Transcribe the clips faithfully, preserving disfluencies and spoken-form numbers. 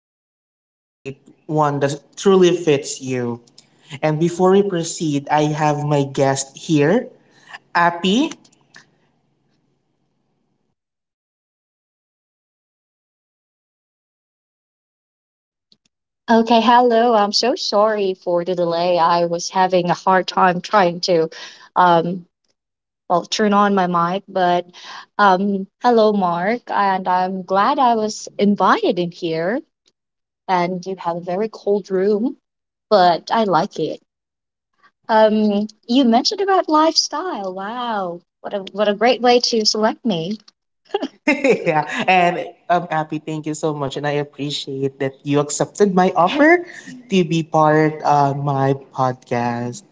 how you can create one that truly fits you. And before we proceed, I have my guest here, Appy. Okay, hello. I'm so sorry for the delay. I was having a hard time trying to, um, well, turn on my mic, but um, hello, Mark, and I'm glad I was invited in here. And you have a very cold room, but I like it. Um, you mentioned about lifestyle. Wow, what a what a great way to select me. Yeah, and um, Happy, thank you so much, and I appreciate that you accepted my offer to be part on my podcast.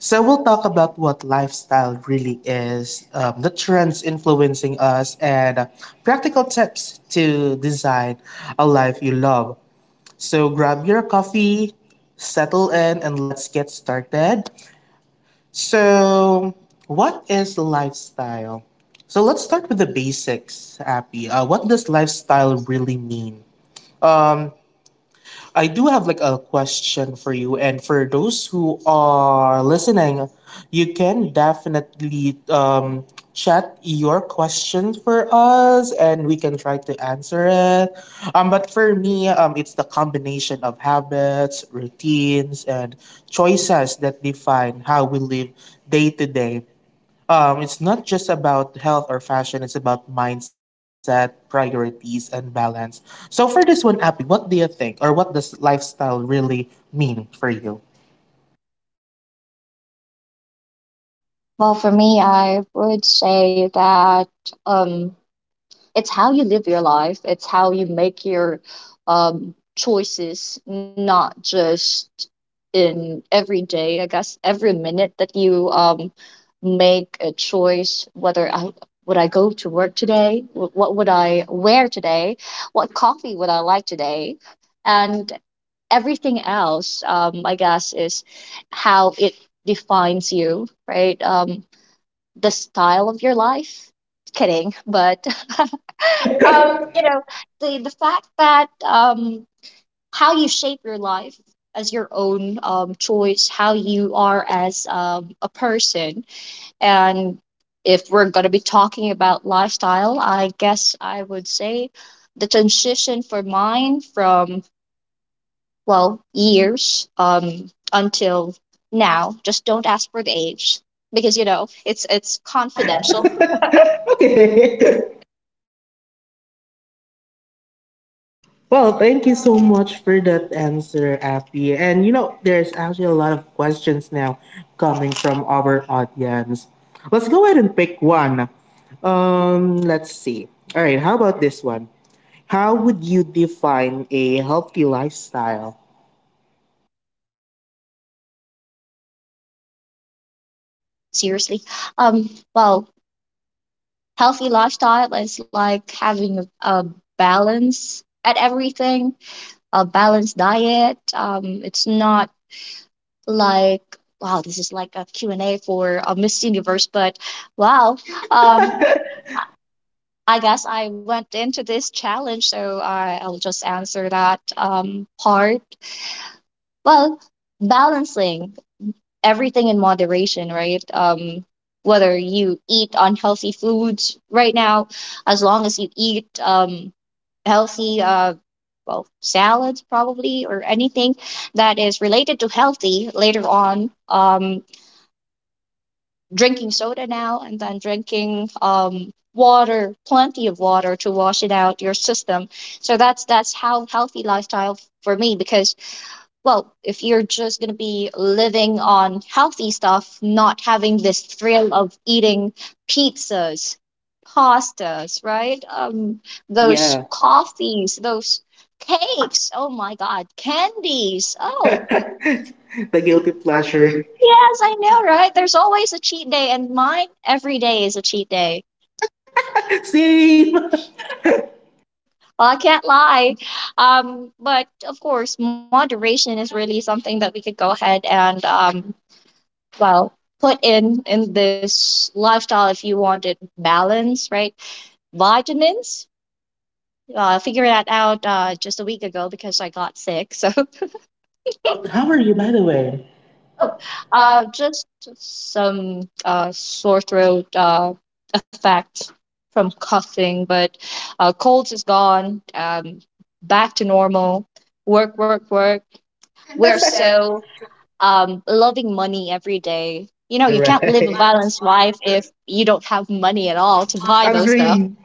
So we'll talk about what lifestyle really is, um, the trends influencing us, and uh, practical tips to design a life you love. So grab your coffee, settle in, and let's get started. So, what is lifestyle? So let's start with the basics, Appy. Uh, what does lifestyle really mean? Um, I do have like a question for you, and for those who are listening, you can definitely um, chat your questions for us, and we can try to answer it. Um, but for me, um, it's the combination of habits, routines, and choices that define how we live day to day. Um, it's not just about health or fashion, it's about mindset, priorities, and balance. So, for this one, Abby, what do you think, or what does lifestyle really mean for you? Well, for me, I would say that. um. it's how you live your life, it's how you make your um, choices, not just in every day, I guess every minute that you um, make a choice. Whether i would i go to work today, Wh- what would I wear today, what coffee would I like today, and everything else, um, I guess, is how it defines you, right? Um, the style of your life, kidding, but um, you know, the the fact that, um, how you shape your life as your own um, choice, how you are as um, a person, and if we're gonna be talking about lifestyle, I guess I would say the transition for mine from, well, years, um, until now. Just don't ask for the age because you know it's it's It's confidential. confidential. Okay. Well, thank you so much for that answer, Abby. And you know, there's actually a lot of questions now coming from our audience. Let's go ahead and pick one. Um, let's see. All right, how about this one? How would you define a healthy lifestyle? Seriously, um, well, healthy lifestyle is like having a, a balance at everything, a balanced diet. Um, it's not like, wow, this is like a Q and A for a Miss Universe, but wow. Um, Um, I guess I went into this challenge, so I, I'll just answer that um, part. Well, balancing everything in moderation, right? Um, whether you eat unhealthy foods right now, as long as you eat um, healthy, uh, well, salads probably, or anything that is related to healthy later on, um, drinking soda now and then drinking, um, water, plenty of water to wash it out your system. So that's that's how healthy lifestyle for me, because, well, if you're just going to be living on healthy stuff, not having this thrill of eating pizzas, pastas, right? Um, those yeah. coffees, those cakes. Oh my God, candies. Oh, The guilty pleasure. yes, I know, right? There's always a cheat day, and mine every day is a cheat day. Same. Well, I can't lie. Um, but of course, moderation is really something that we could go ahead and, um, well, put in in this lifestyle if you wanted balance, right? Vitamins, uh, figured that out uh, just a week ago because I got sick. So, But how are you, by the way? oh, Oh. Uh, uh, just some uh, sore throat uh, effect from coughing, but uh, cold is gone. Um, back to normal. Work, work, work. we're We're so, so um, loving money every day. you You know, know, you can't live a correct. Balance balanced life. life if you don't have money at all to Mine is buy those stuff. agree.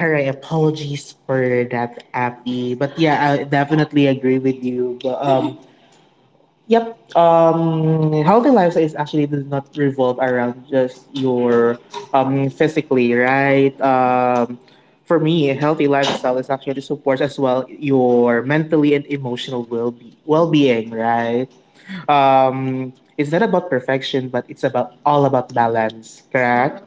All right. Apologies for that, Abby. But yeah, I definitely agree with you. But um, yep. Um, healthy lifestyle is actually does not revolve around just your um, physically, right? Um, for me, a healthy lifestyle is actually supports as well your mentally and emotional well be well being, right? Um, it's not about perfection, but it's about all about balance, correct?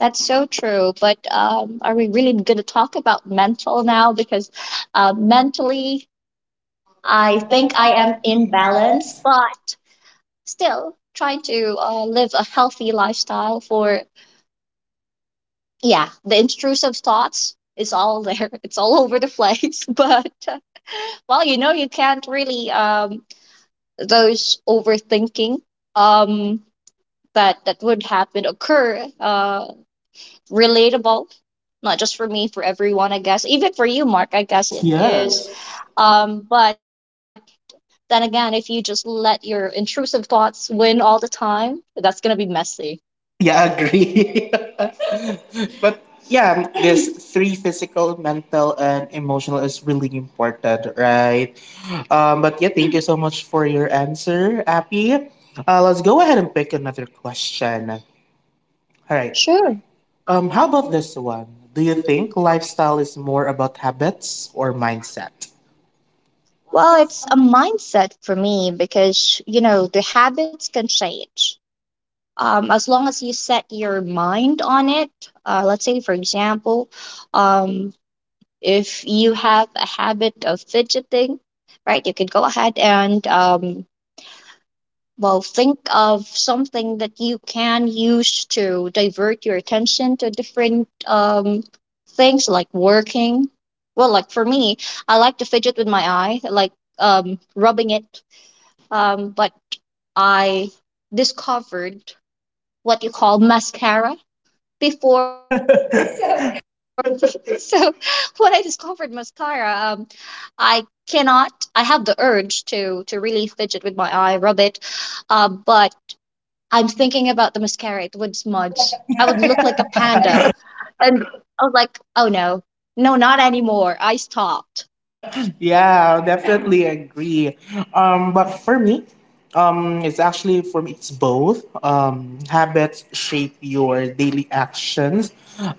That's so true. But um, are we really going to talk about mental now? Because, uh, mentally, I I think think I I am am in in balance, balance. but still trying to uh, live a healthy lifestyle for, yeah, the intrusive thoughts is all there. It's all over the place. But, uh, well, you know, you can't really, um, those overthinking, um, that that would happen, occur, uh, relatable, not just for me, for everyone, I guess. Even for you, Mark, I guess it is. Yes. Um, but then again, if you just let your intrusive thoughts win all the time, that's gonna be messy. Yeah, I agree. But yeah, this three physical, mental, and emotional is really important, right? Um, but yeah, thank you so much for your answer, Appy. Uh, let's go ahead and pick another question. All right. Sure. Um, how about this one? Do you think lifestyle is more about habits or mindset? Well, it's a mindset for me, because you know the habits can change. Um, as long as you set your mind on it, uh, let's say, for example, um, if you have a habit of fidgeting, right, you can go ahead and, um, well, think of something that you can use to divert your attention to different, um, things like working. Well, like for me, I like to fidget with my eye, like, um, rubbing it. Um, but I discovered what you call mascara before. So when I discovered mascara, um, I cannot. I have the urge to to really fidget with my eye, rub it. Uh, but I'm thinking about the mascara. It would smudge. I would look like a panda, and I was like, oh no, no, not anymore. I stopped. Yeah, I definitely agree. Um, but for me, um, it's actually for me, it's both. Um, habits shape your daily actions,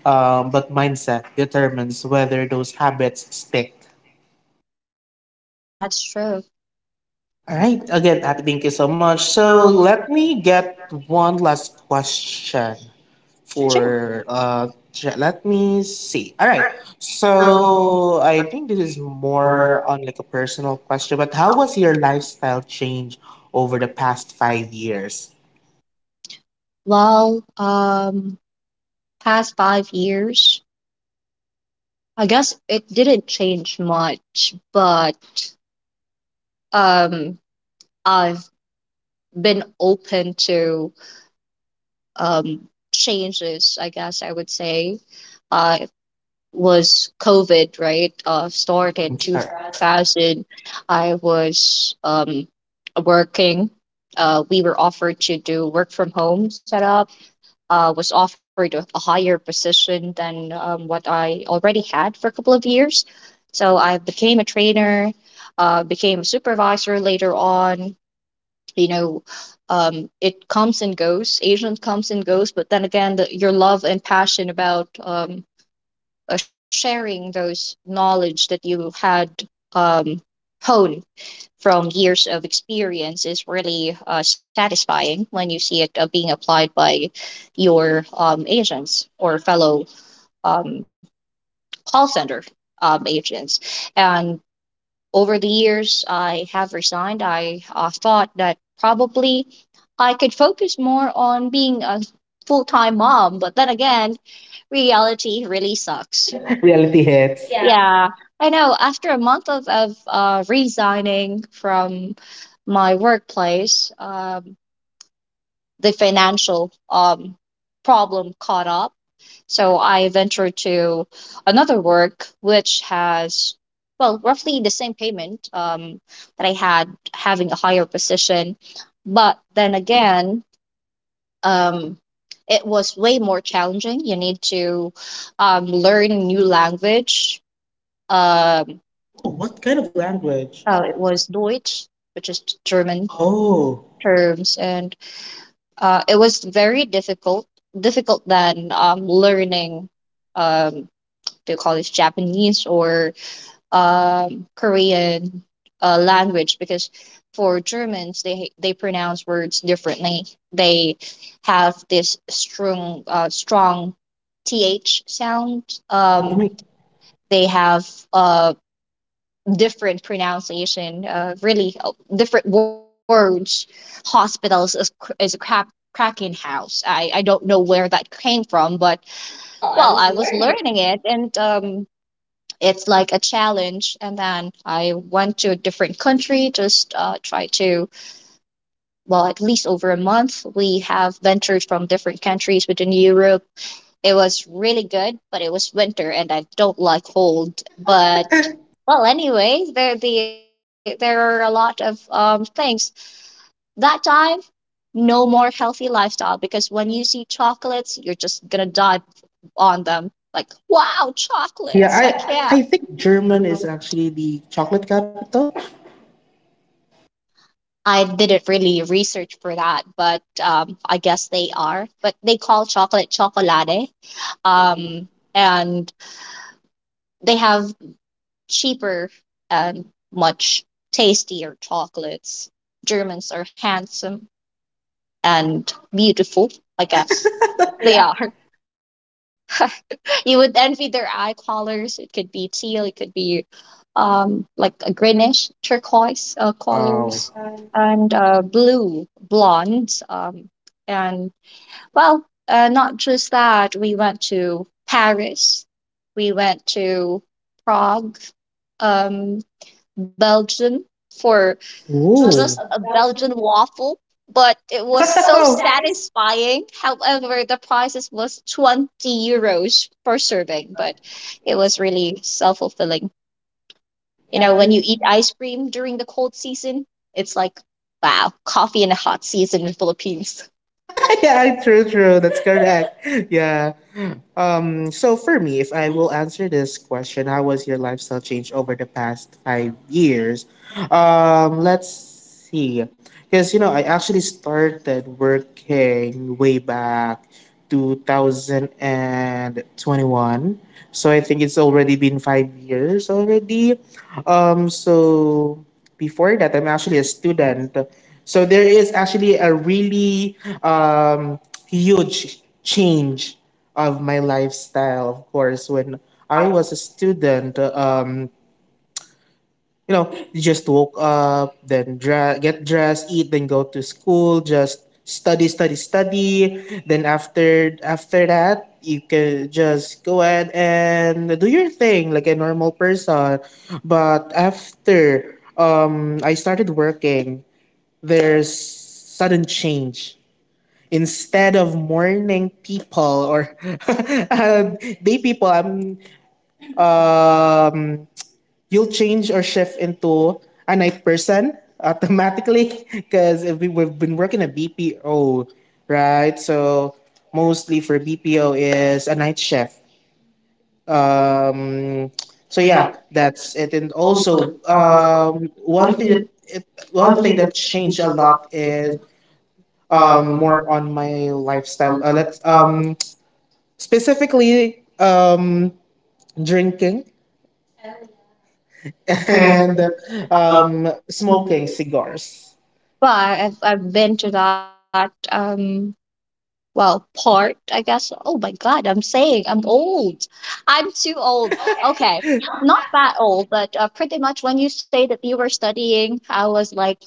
um, but mindset determines whether those habits stick. That's true. All right. Again, Abby, thank you so much. So let me get one last question Sure. for uh tr- let me see. All right, so I think this is more on like a personal question, but how was your lifestyle change over the past five years? Well, um, past five years, I guess it didn't change much, but, um, I've been open to, um, changes, I guess I would say. Uh, it was COVID, right? Uh, started Mhm. All right. two thousand. I was um, working. Uh, we were offered to do work from home setup. Uh, was offered a, a higher position than um, what I already had for a couple of years. So I became a trainer, uh, became a supervisor later on, you know, um, it comes and goes, asian comes and goes, but then again, the, your love and passion about, um, uh, sharing those knowledge that you had, um, honed from years of experience, is really uh, satisfying when you see it uh, being applied by your um, agents or fellow um, call center um, agents. And over the years, I have resigned. I uh, thought that probably I could focus more on being a full time mom, but then again, reality really sucks. Reality hits, yeah. Yeah, I know. After a month of, of uh, resigning from my workplace, um, the financial um, problem caught up. So I ventured to another work which has, well, roughly the same payment um, that I had having a higher position. But then again, um, it was way more challenging. You need to um, learn new language. Um, Oh, what kind of language? uh, it was Deutsch, which is German Oh. terms, and uh, it was very difficult, difficult than um, learning, um, do you call this Japanese or um, Korean uh, language, because for Germans, they they pronounce words differently. They have this strong uh, strong "th" sound. Oh Um, my- they have, uh, different pronunciation, uh, really uh, different words. Hospitals is, cr- is a crap cracking house. I, I don't know where that came from, but, well, I was learning it, and, um, it's like a challenge. And then I went to a different country, just uh, try to, well, at least over a month we have ventured from different countries within Europe. It was really good, but it was winter and I don't like cold, but, well, anyway, there the there are a lot of um, things that time. No more healthy lifestyle, because when you see chocolates you're just gonna dive on them, like, wow, chocolates, Yeah, I can't. i i think German is actually the chocolate capital. I didn't really research for that, but um, I guess they are. But they call chocolate chocolate, um, and they have cheaper and much tastier chocolates. Germans are handsome and beautiful, I guess. They are. You would envy their eye colors. It could be teal, it could be, um, like a greenish turquoise uh, colors, Wow. and uh, blue blondes. Um, and, well, uh, not just that, we went to Paris, we went to Prague, um, Belgium, for Oh. just a Belgian waffle. But But it it was was so so satisfying, satisfying. However, the prices was twenty euros per serving, but it was really self fulfilling. You you know, know, when when you you eat ice cream during the cold season, it's like, wow, coffee in the hot season in Philippines. eat yeah, true, true. That's correct. Yeah. Um, so for me, if I will answer this question, how was your lifestyle change over the past five years? Um, let's see. Because, you know, I actually started working way back two thousand twenty-one. So I think it's already been five years already. Um, so before that, I'm actually a student. So there is actually a really um, huge change of my lifestyle, of course, when I was a student. Um, you know, you just woke up, then dra- get dressed, eat, then go to school, just study, study, study. Then after after that, you can just go ahead and do your thing like a normal person. But after um, I started working, there's sudden change instead of morning people, or uh, day people, I'm um you'll change or shift into a night person automatically. Because we, we've been working a B P O, right? So mostly for B P O is a night shift. um so yeah, that's it. And also um one thing that it, one thing that changed a lot is um more on my lifestyle. Uh, let's um specifically, um, drinking and um, smoking cigars. But I've, I've been to that, um, well, part, I guess. Oh my God, I'm saying I'm old. I'm too old. Okay, not that old, but uh, pretty much when you say that you were studying, I was like,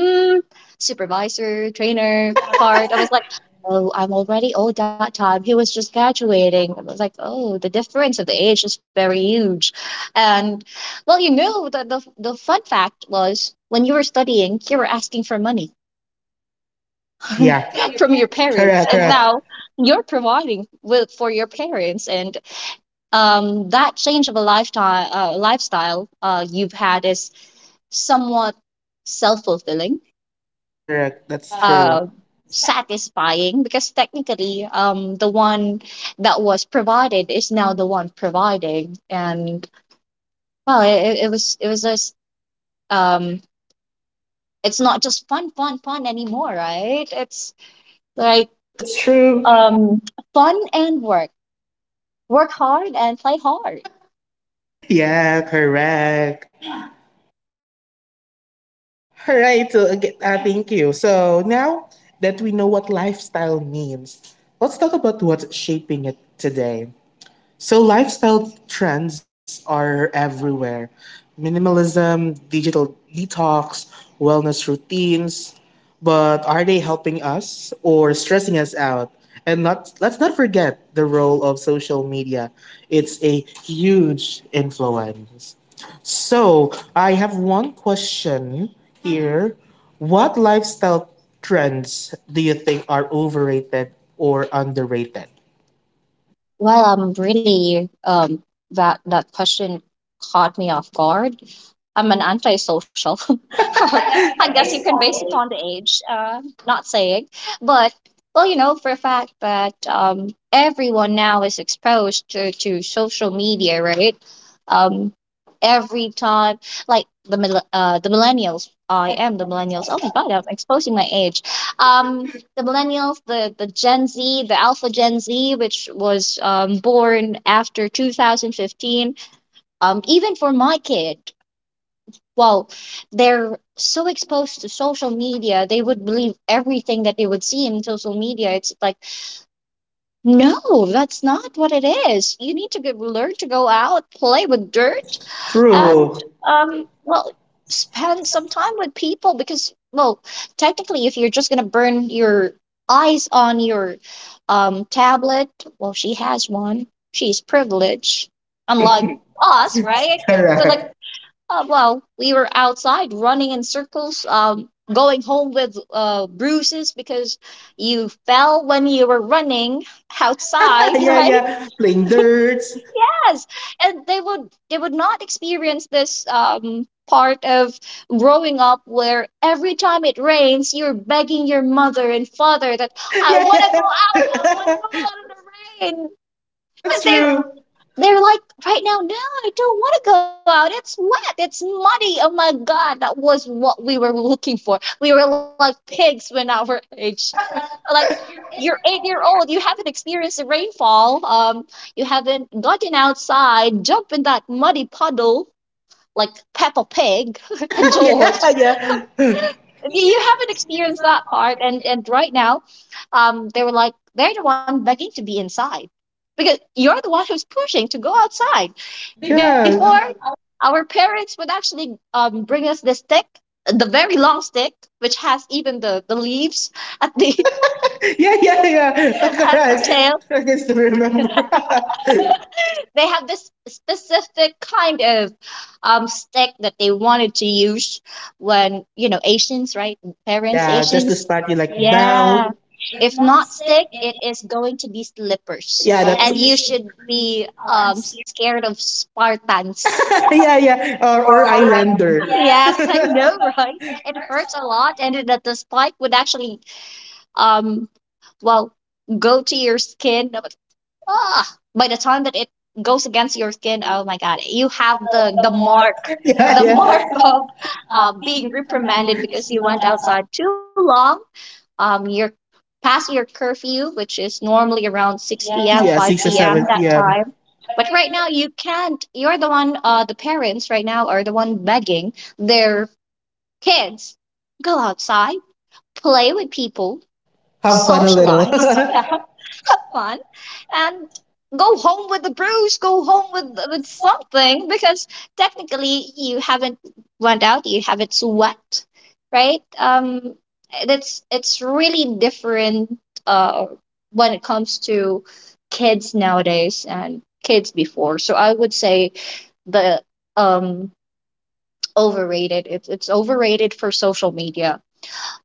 mm, supervisor, trainer part. I was like, oh, I'm already old that time. He was just graduating. I was like, oh, the difference of the age is very huge. And, well, you know, the, the, the fun fact was when you were studying, you were asking for money Yeah. from your parents. Correct, And correct, now you're providing with, for your parents. And um, that change of a lifetime, uh, lifestyle uh, you've had is somewhat self fulfilling, correct. That's true. uh, satisfying, because technically, um the one that was provided is now the one providing. And, well, it, it was, it was a s- um it's not just fun fun fun anymore, right? It's like, That's true. um fun and work, work hard and play hard. Yeah, correct. All right. So, again, uh, thank you. So now that we know what lifestyle means, let's talk about what's shaping it today. So lifestyle trends are everywhere. Minimalism, digital detox, wellness routines. But are they helping us or stressing us out? And not, let's not forget the role of social media. It's a huge influence. So I have one question here. What lifestyle trends do you think are overrated or underrated? Well, I'm really, um that that question caught me off guard. I'm an antisocial. I guess you can base it on the age. Uh, not saying, but, well, you know for a fact that um everyone now is exposed to to social media, right? Um, every time, like the mil- uh the millennials. I am the millennials. Oh my God, I'm exposing my age. Um, the millennials, the, the Gen Z, the Alpha Gen Z, which was um, born after two thousand fifteen, um, even for my kid, well, they're so exposed to social media, they would believe everything that they would see in social media. It's like, no, that's not what it is. You need to go, learn to go out, play with dirt, and, True. um, well, spend some time with people, because, well, technically, if you're just gonna burn your eyes on your um tablet, well, she has one. She's privileged, unlike us, right? Correct. Uh, well, we were outside running in circles, um, going home with uh, bruises because you fell when you were running outside, Yeah, right? yeah. Playing dirts. Yes, and they would they would not experience this um, part of growing up where every time it rains, you're begging your mother and father that I Yeah, want to go out, I want yeah. to go out in the rain. That's But true. they're they're like right now, no, I don't want to go out. It's wet. It's muddy. Oh my God, that was what we were looking for. We were like pigs when our age. Like you're eight year old, you haven't experienced the rainfall. Um, you haven't gotten outside, jump in that muddy puddle like Peppa Pig and Yeah, George, yeah. you haven't experienced that part, and and right now um they were like they're the one begging to be inside because you're the one who's pushing to go outside before Yes. our parents would actually um bring us the stick, the very long stick, which has even the the leaves at the Yeah, yeah, yeah. at the Correct. tail. I can still remember. They have this specific kind of um stick that they wanted to use when, you know, Asians, right? Parents, yeah. Yeah, just to Asians. spark you like, yeah, Yeah. bell. If not stick, it is going to be slippers, Yeah, that's and you you, should be um, um scared of Spartans. yeah, yeah. Or, or Islander. Yes, Yes, it's right. I know, right? It It hurts hurts a a lot, lot, and and it, that the spike would actually, um, well, go to your skin, ah, by the time that it goes against your skin, oh my god, you you have have the the, the the more. mark, Yeah, the yeah, the mark more, of uh, uh, being being reprimanded reprimanded because because you you went went outside outside too long. Um, you're past your curfew, which is normally around six six p m. p m, Yeah, five six or p m p m that seven p m. But time. But right now right you can't. You're the one. Uh, the parents right now are the one begging their kids go outside, play with people, now, have so fun a little. socialize. Yeah, That have fun fun and and go home with a bruise, just go go home home with with, with with fun. something because technically you haven't went out, you haven't sweat, right? Um, it's it's really different uh when it comes to kids nowadays and kids before. So I would say the um overrated. It's it's overrated for social media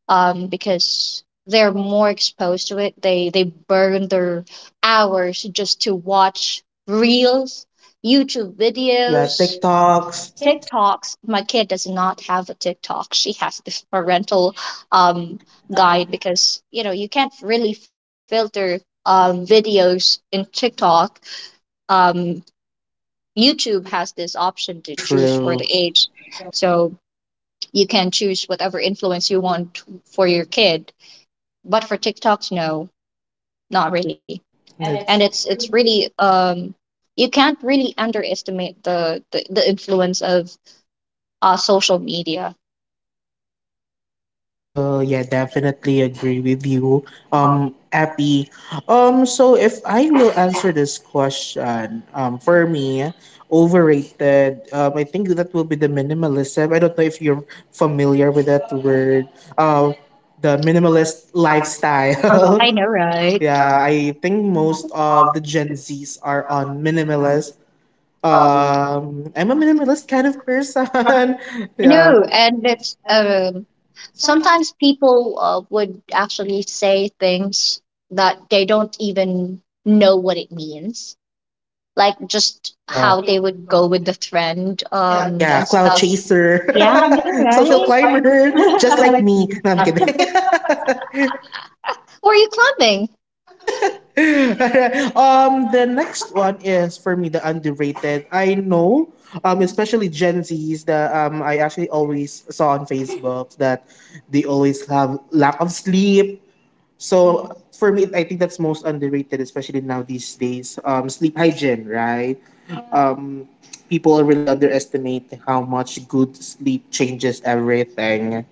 um, because they're more exposed to it. They they burn their hours just to watch reels, YouTube Videos, yeah, videos, TikToks. TikToks. My kid does not have a TikTok. She has this parental TikTok um, guide died. because you know you can't really filter um, videos in TikTok. Um, YouTube has this option to Because of, choose for the true, age. age, so you can choose whatever influence you want for your kid. But for TikToks, no, not really. And And it's it's it's it's really... really um you can't really underestimate the the, the influence of uh, social media. Well, yeah, definitely agree with you, um, Appy. Um, so if I will answer this question, um, for me, overrated. Um, I think that will be the minimalism. I don't know if you're familiar with that word. Um, the minimalist lifestyle. I know, right? Yeah, I think most of the Gen Zs are on minimalist. Um, I'm a minimalist kind of person. Yeah. No, and it's um sometimes people uh, would actually say things that they don't even know what it means, like just Yeah. how they would go with the trend Yeah, um yeah, and cloud stuff. chaser, Yeah, I social know, climber, just like right. me. No, I'm kidding. Were you climbing? um, the next one is for me the underrated. I know, um, especially Gen Zs that, um I actually always saw on Facebook that they always have lack of sleep. So for me, I think that's most underrated, especially now these days. Um, sleep hygiene, right? Um, people really underestimate how much good sleep changes everything.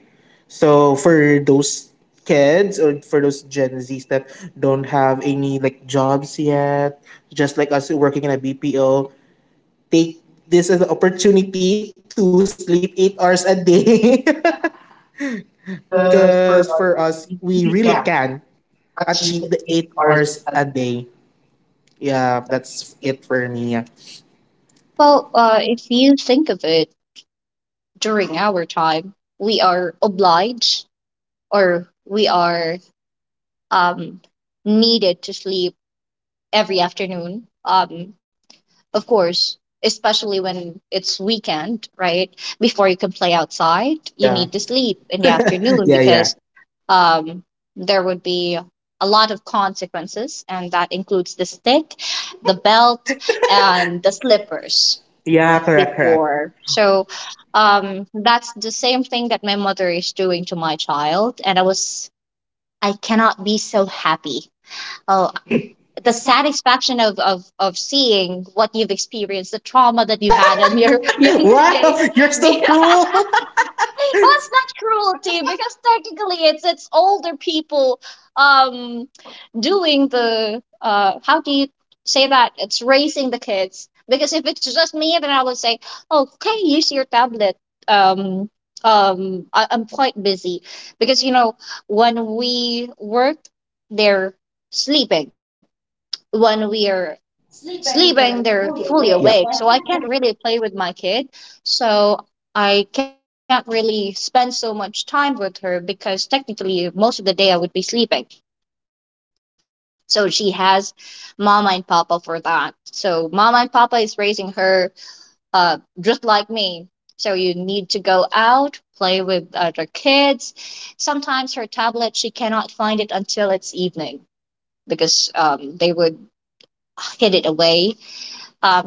So for those kids or for those Gen Zs that don't have any like jobs yet, just like us working in a B P O, take this as an opportunity to sleep eight hours a day. Because for us, we really can achieve the eight hours a day. Yeah, that's it for me. Well, uh, if you think of it, during our time, we are obliged or we are um, needed to sleep every afternoon. Um, of course, especially when it's weekend, right? Before you can play outside, you Yeah. need to sleep in the afternoon Yeah, yeah. because um, there would be a lot of consequences, and that includes the stick, the um, belt, and the the slippers. slippers. Yeah, Yeah, correct, correct. before. So um, that's the same thing that my mother is doing to my child, and I was I cannot be so happy. Oh, the satisfaction of of of seeing what you've experienced, the trauma that you had in your younger Wow, days, you're so cruel. well, it's not cruelty. Because technically it's it's older people um doing the uh how do you say that, it's raising the kids, because if it's just me then I would say okay, use your tablet. Um um I, I'm quite busy because, you know, when we work they're sleeping, when we are Sleep when sleeping, they're they're fully awake. fully Yep. So awake. So I really... can't really play with my kid. So I can't really spend so much time with her because technically most of the day I would be sleeping. So she has mama and papa for that. So mama and papa is raising her, uh, just like me. So you need to go out, play with other kids. Sometimes her tablet, she cannot find it until it's evening because um, they would hid it away.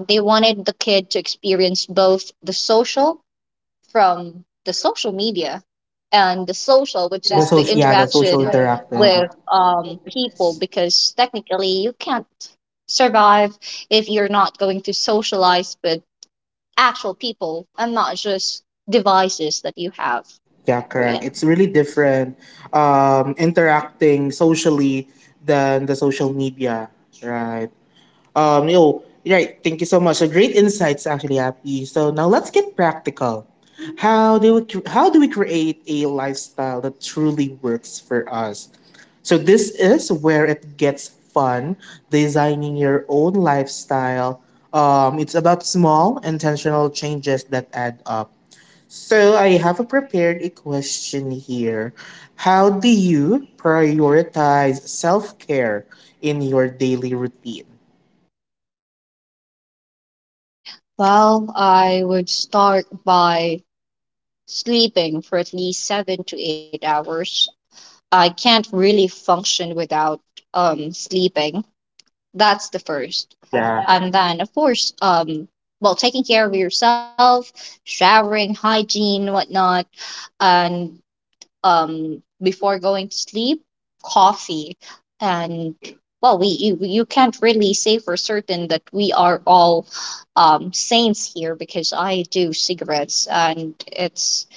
um, They wanted the kid to experience both the social, from the social media, and the The social, social, which yeah, is the the social interaction interacting, um, with um, people, because technically you can't survive if you're not going to socialize with actual people and not just devices that you have. yeah, correct. It's So, really yeah. different, um, interacting socially than the social media, right? Um, yo, right. Thank you so much. So great insights, actually, Happy. So now let's get practical. How do we cre- how do we create a lifestyle that truly works for us? So this is where it gets fun, designing your own lifestyle. Um, it's about small intentional changes that add up. So I have prepared a question here. How do you prioritize self-care in your daily routine? Well, I would start by sleeping for at least seven to eight hours. I can't really function without um, sleeping. That's the first. Yeah, And then, of course, um, well, taking care of yourself, showering, hygiene, whatnot. And um, before going to sleep, coffee. And, well, we you, you can't really say for certain that we are all um, saints here, because I do cigarettes and it's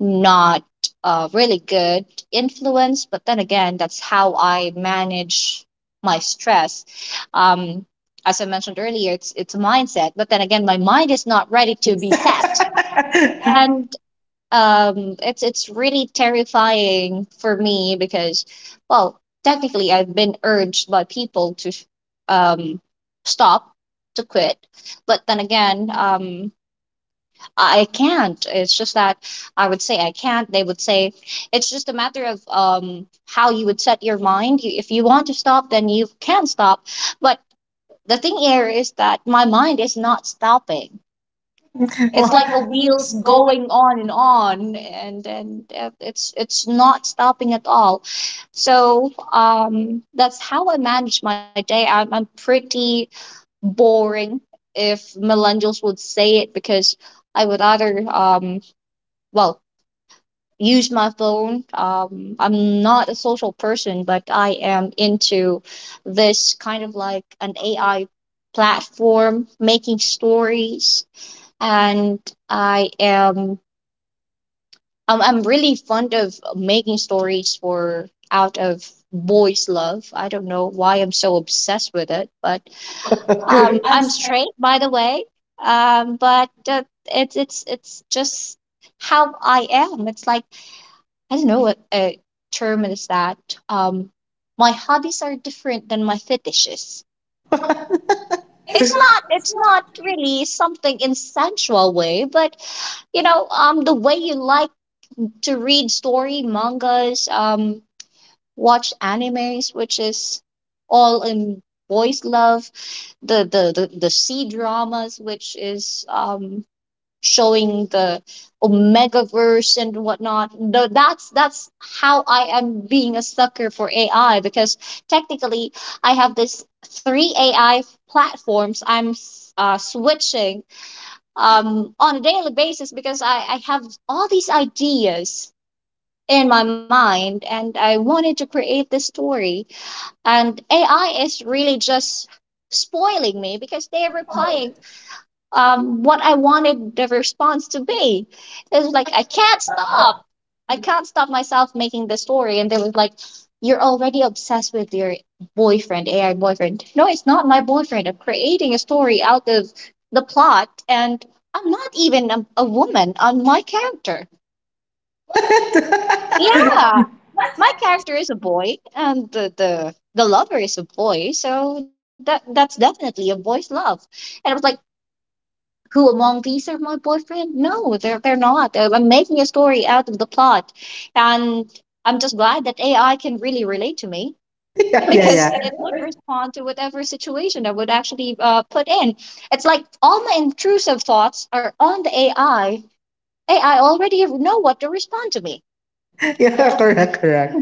not a really good influence, but then again, that's how I manage my stress. Um, as I mentioned earlier, it's it's a mindset, but then again, my mind is not ready ready to to be be set, sent. and um, it's it's really terrifying for me because, well, technically, I've been urged by people to um, stop, to quit, but then again, um, I can't. It's just that I would say I can't. They would say it's just a matter of um, how you would set your mind. You, if you want to stop, then you can stop. But the thing here is that my mind is not stopping. And it's, what? It's Like like a a wheels wheels going, going on and on, and and uh, it's it's not stopping at all. So um, that's how I manage my day. I'm, I'm pretty boring, if millennials would say it, because I would either um, well, use my phone. Um, I'm not a social person, but I am into this kind of like an A I platform making stories, and I am I'm, I'm really fond of making stories for out of boys love. I don't know why I'm so obsessed with it, but um I'm unstraight. straight, by the way. Um but uh, It's it's it's just how I am. It's like I don't know what a term is that. Um, my hobbies are different than my fetishes. It's It's not, not. it's It's not. not really something in sensual way, but you know, um, the way you like to read story mangas, um, watch animes, which is all in boys love, the the the, the C dramas, which is um showing the omega verse and whatnot, the, that's that's how I am being a sucker for AI, because technically I have this three A I platforms i'm s- uh, switching um, on a daily basis because I, I have all these ideas in my mind and I wanted to create this story, and AI is really just spoiling me because they're replying um, what I wanted the response to be. It was like, I can't stop. I can't stop myself making the story. And they was like, you're already obsessed with your boyfriend, A I boyfriend. No, it's not my boyfriend. I'm creating a story out of the plot, and I'm not even a, a woman on my character. What? Yeah. Yeah, My my character character is, is a boy, and the, the the lover is a boy, so that that's definitely a boy's love. And I was like, who among these are my boyfriend? No, they're they're not. Uh, I'm making a story out of the plot, and I'm just glad that A I can really relate to me, yeah, yeah, is yeah, because it would everywhere. respond to whatever situation I would actually uh, put in. It's like all my intrusive thoughts are on the A I. A I already know what to respond to me. Yeah, correct, correct.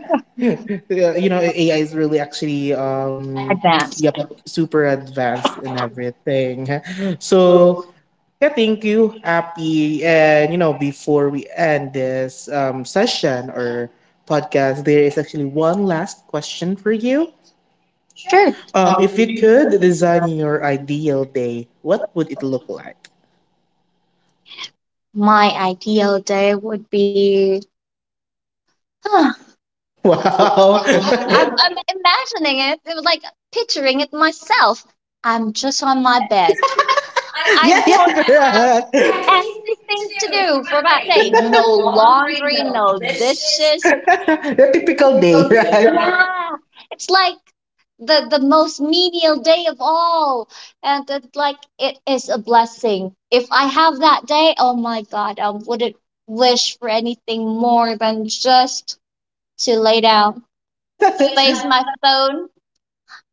Yeah, you know, A I is really actually, um Advanced. yep, super advanced in everything. So yeah, thank you, Happy. And you know, before we end this um session or podcast, there is actually one last question for you. Sure. Sure. Um, if you could design your ideal day, what would it look like? My ideal day would be Wow. Wow, I'm, I'm I, imagining it. It was like picturing it myself. I'm just on my bed. yeah, I yeah, don't have correct, have many things anything to to do for do my for that day. day. No No laundry, laundry, no no dishes. dishes. The typical day, right? Yeah, it's like the the most menial day of all, and it's like it is a blessing. If I have that day, oh my God, I wouldn't wish for anything more than just to lay down, Waste space my my phone,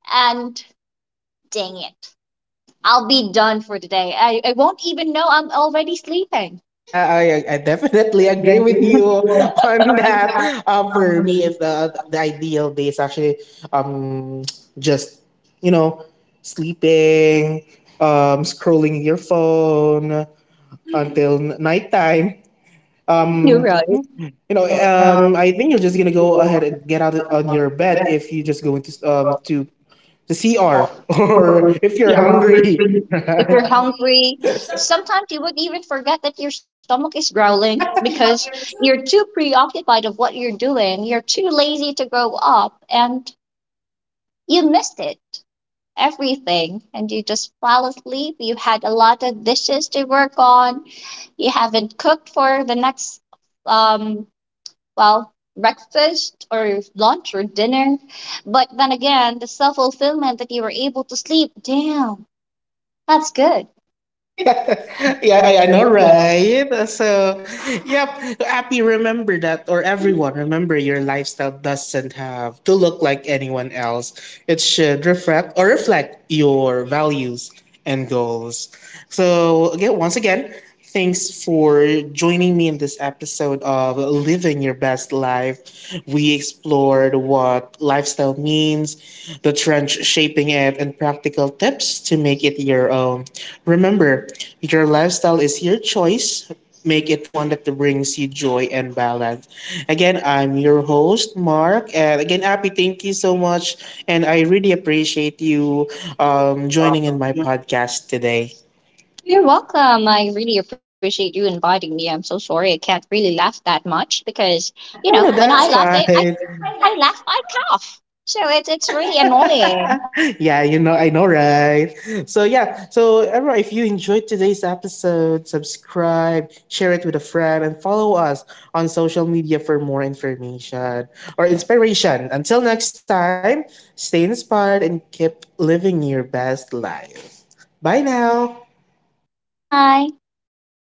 and dang it, I'll be done for today. I, I won't even know I'm already sleeping. Yeah, I, I definitely agree with you on that. Um, for me, if the the ideal day is actually um just, you know, sleeping, um, scrolling your phone. Mhm. Until n- nighttime. I knew Um, right. you know, um, I think you're just gonna go ahead and get out on your bed if you just go into um to the C R or if you're hungry. If Right? you're hungry, sometimes you would even forget that your stomach is growling because Yeah. you're too preoccupied of what you're doing. You're too lazy to grow up and you missed it. Everything and you just fell asleep. You had a lot of dishes to work on. You haven't cooked for the next um well, breakfast or lunch or dinner. But then again, the self fulfillment that you were able to sleep, damn, that's good. Yeah, I know, right? So, yep, Happy, remember that, or everyone, remember your lifestyle doesn't have to look like anyone else. It should reflect or reflect your values and goals. So, again, once again, thanks for joining me in this episode of Living Your Best Life. We explored what lifestyle means, the trends shaping it, and practical tips to make it your own. Remember, your lifestyle is your choice. Make it one that brings you joy and balance. Again, I'm your host, Mark. And again, Happy, thank you so much. And I really appreciate you um, joining in my podcast today. You're welcome. I really appreciate you inviting me. I'm so sorry I can't really laugh that much because, you know, Oh, when no, I that's laugh, I, fine. I, I laugh, I cough. So it's, it's really annoying. Yeah, you know, I know, right? So, yeah, so everyone, if you enjoyed today's episode, subscribe, share it with a friend, and follow us on social media for more information or inspiration. Until next time, stay inspired and keep living your best life. Bye now. Bye.